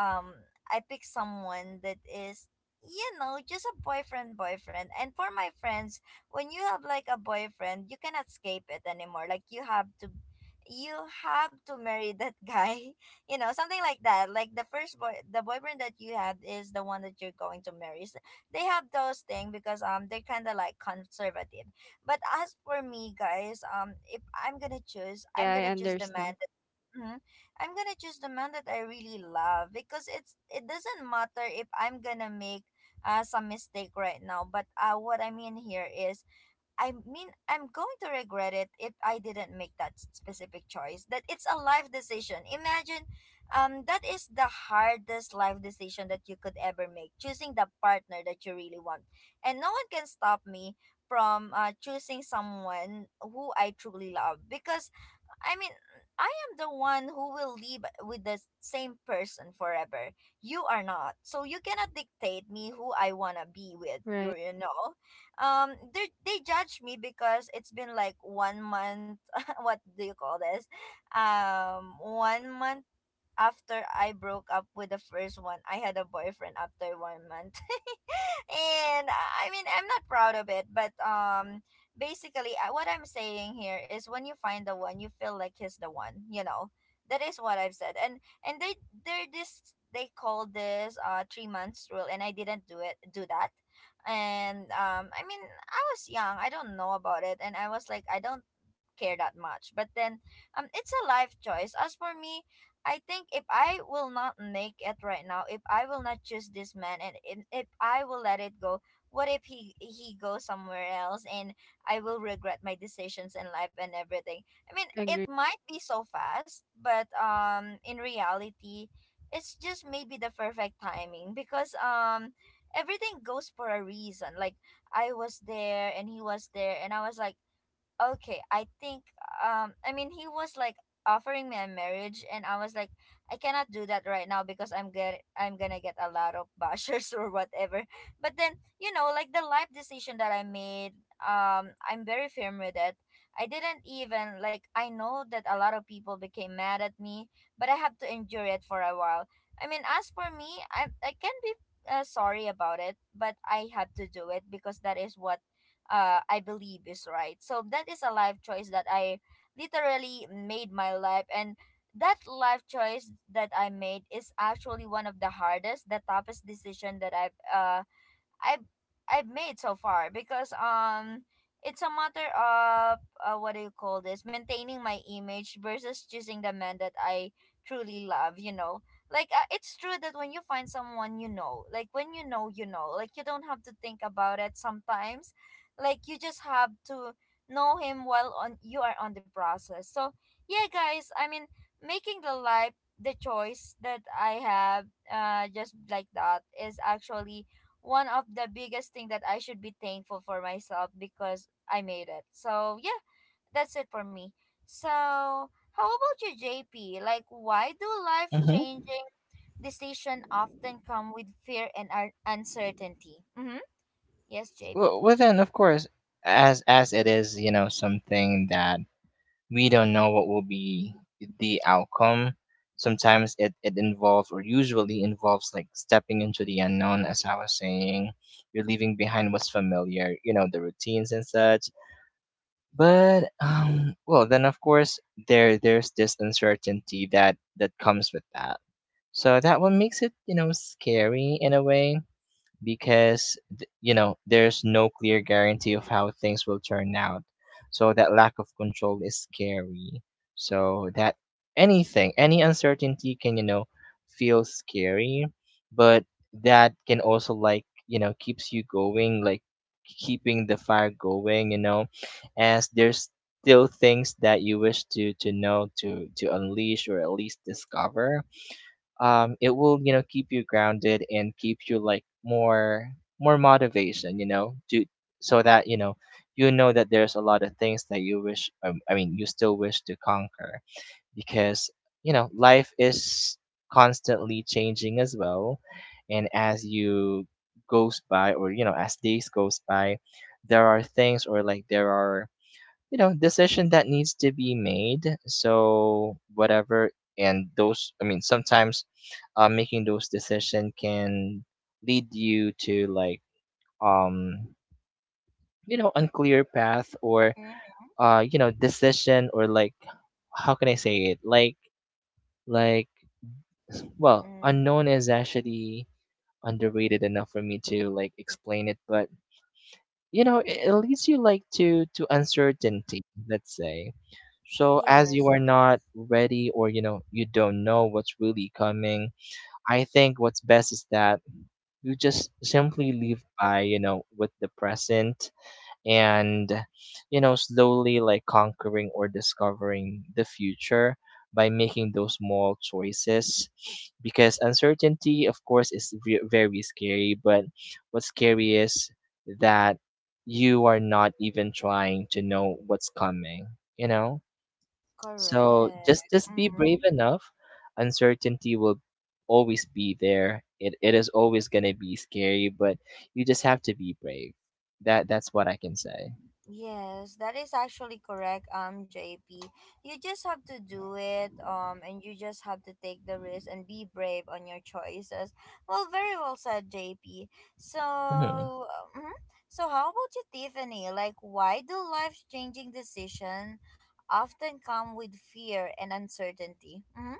um I picked someone that is, just a boyfriend boyfriend. And for my friends, when you have like a boyfriend, you cannot escape it anymore. Like you have to marry that guy. You know, something like that. Like the boyfriend that you had is the one that you're going to marry. So they have those things because they're kinda like conservative. But as for me, guys, if I'm gonna choose, I'm
Yeah, I
gonna choose the man
understand.
that mhm, I'm gonna choose the man that I really love, because it doesn't matter if I'm gonna make some mistake right now. But what I mean here is, I mean, I'm going to regret it if I didn't make that specific choice. That it's a life decision. Imagine, that is the hardest life decision that you could ever make. Choosing the partner that you really want, and no one can stop me from choosing someone who I truly love, because I mean, I am the one who will live with the same person forever. You are not. So you cannot dictate me who I want to be with, or,
Right.
you know? They judge me because it's been like one month, what do you call this? One month after I broke up with the first one, I had a boyfriend after one month, and I mean, I'm not proud of it, but basically, what I'm saying here is, when you find the one, you feel like he's the one. You know, that is what I've said. And they call this 3 months rule, and I didn't do that. And I mean, I was young. I don't know about it, and I was like, I don't care that much. But then, it's a life choice. As for me, I think if I will not make it right now, if I will not choose this man, and if I will let it go, what if he goes somewhere else, and I will regret my decisions in life and everything. I mean, it
Agree.
might be so fast, but in reality, it's just maybe the perfect timing, because everything goes for a reason. Like I was there, and he was there, and I was like, okay, I think I mean he was like offering me a marriage, and I was like, I cannot do that right now, because I'm gonna get a lot of bashers or whatever. But then like the life decision that I made, I'm very firm with it. I didn't even like, I know that a lot of people became mad at me, but I have to endure it for a while. I mean, as for me, I can be sorry about it, but I have to do it because that is what I believe is right. So that is a life choice that I literally made my life, and that life choice that I made is actually one of the hardest, the toughest decision that I've I've made so far because it's a matter of what do you call this, maintaining my image versus choosing the man that I truly love, you know, like it's true that when you find someone, you know, like when you know, you know, like you don't have to think about it sometimes, like you just have to know him while on you are on the process. So yeah guys, I mean, making the life, the choice that I have just like that is actually one of the biggest thing that I should be thankful for myself, because I made it. So yeah, that's it for me. So how about you, JP? Like, why do life
Mm-hmm.
changing decision often come with fear and uncertainty? Mm-hmm. Yes, JP.
Well, then of course, as it is, you know, something that we don't know what will be the outcome. Sometimes it involves, or usually involves, like stepping into the unknown, as I was saying. You're leaving behind what's familiar, you know, the routines and such. But well, then of course there's this uncertainty that comes with that. So that what makes it, you know, scary in a way, because you know, there's no clear guarantee of how things will turn out, so that lack of control is scary. So that anything, any uncertainty, can, you know, feel scary. But that can also, like, you know, keeps you going, like keeping the fire going, you know, as there's still things that you wish to know, to unleash or at least discover. It will, you know, keep you grounded and keep you like more, motivation, you know, do. So that you know, you know that there's a lot of things that you wish, I mean, you still wish to conquer, because you know life is constantly changing as well. And as you goes by, or you know, as days goes by, there are things, or like there are, you know, decision that needs to be made, so whatever. And those, I mean, sometimes, making those decision can lead you to like, um you know, unclear path, or you know, decision, or like how can I say it, like, like well,
Mm-hmm.
unknown is actually underrated enough for me to like explain it, but you know, it leads you like to uncertainty, let's say. So as you
Yes,
are not ready, or you know, you don't know what's really coming, I think what's best is that you just simply live by, you know, with the present. And you know, slowly like conquering or discovering the future by making those small choices. Because uncertainty, of course, is very scary, but what's scary is that you are not even trying to know what's coming, you know. So
correct.
just, be brave
Mm-hmm.
enough. Uncertainty will always be there, it is always going to be scary, but you just have to be brave. That, that's what I can say.
Yes, that is actually correct, JP. You just have to do it, and you just have to take the risk and be brave on your choices. Well, very well said, JP. So,
Mhm.
mhm. So how about you, Tiffany? Like, why do life-changing decision often come with fear and uncertainty? Mm-hmm.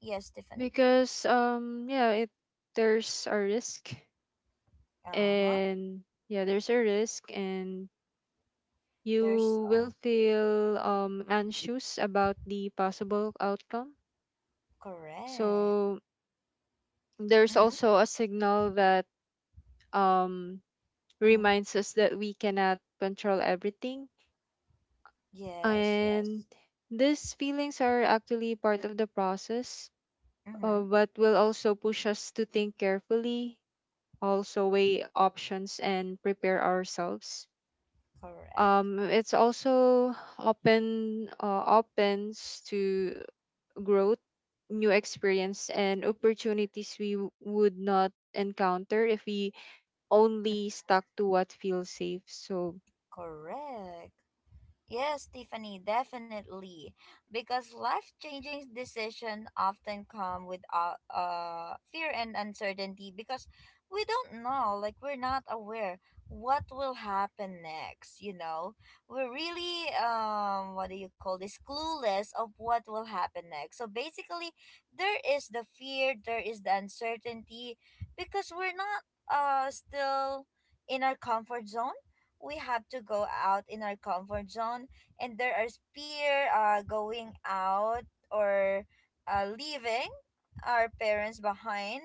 Yes, Tiffany.
Because yeah, it there's a risk,
Uh huh.
and yeah, there's a risk and
There's
you will feel anxious about the possible outcome.
correct.
So there's
Mm-hmm.
also a signal that um
Mm-hmm.
reminds us that we cannot control everything,
Yes.
and
Yes.
these feelings are actually part of the process,
Mm-hmm.
but will also push us to think carefully, also weigh options and prepare ourselves.
Correct.
It's also opens to growth, new experience, and opportunities would not encounter if we only stuck to what feels safe. So
Correct. Yes, Tiffany, definitely. Because life-changing decisions often come with fear and uncertainty because we don't know, like we're not aware what will happen next, you know? We're really what do you call this, clueless of what will happen next. So basically, there is the fear, there is the uncertainty, because we're not still in our comfort zone, we have to go out in our comfort zone. And there are fear going out, or leaving our parents behind,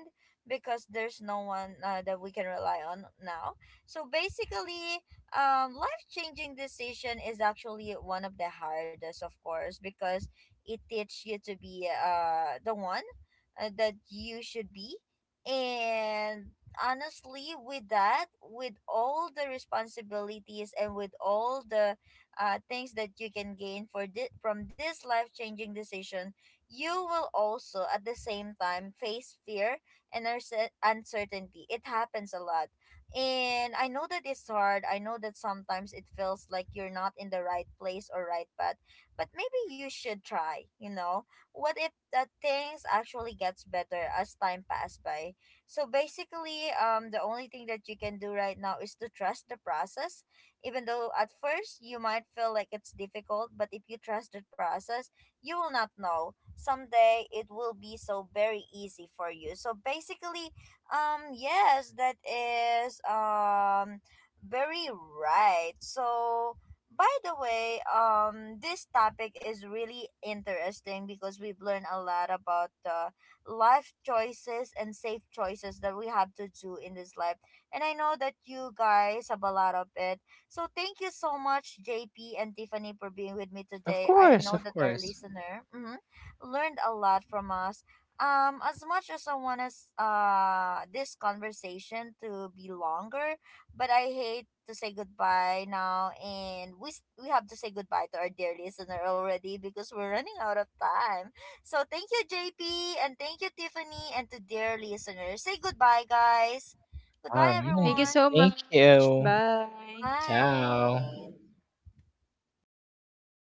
because there's no one that we can rely on now. So basically, life changing decision is actually one of the hardest, of course, because it teaches you to be the one that you should be. And honestly, with that, with all the responsibilities and with all the things that you can gain for from this life-changing decision, you will also at the same time face fear and uncertainty. It happens a lot, and I know that it's hard. I know that sometimes it feels like you're not in the right place or right path, but maybe you should try, you know, what if that things actually gets better as time passes by. So basically, the only thing that you can do right now is to trust the process. Even though at first you might feel like it's difficult, but if you trust the process, you will not know. Someday it will be so very easy for you. So basically, yes, that is very right. So by the way, this topic is really interesting because we've learned a lot about the life choices and safe choices that we have to do in this life. And I know that you guys have a lot of it. So thank you so much, JP and Tiffany, for being with me
Of
today. I
course,
know
of
that our
course.
listener mhm, learned a lot from us. As much as I want us this conversation to be longer, but I hate to say goodbye now, and we have to say goodbye to our dear listener already because we're running out of time. So thank you, JP, and thank you, Tiffany, and to dear listeners. Say goodbye, guys. Goodbye,
thank you
Alright.
everyone.
so
Thank
much.
you.
Bye.
Bye.
Ciao.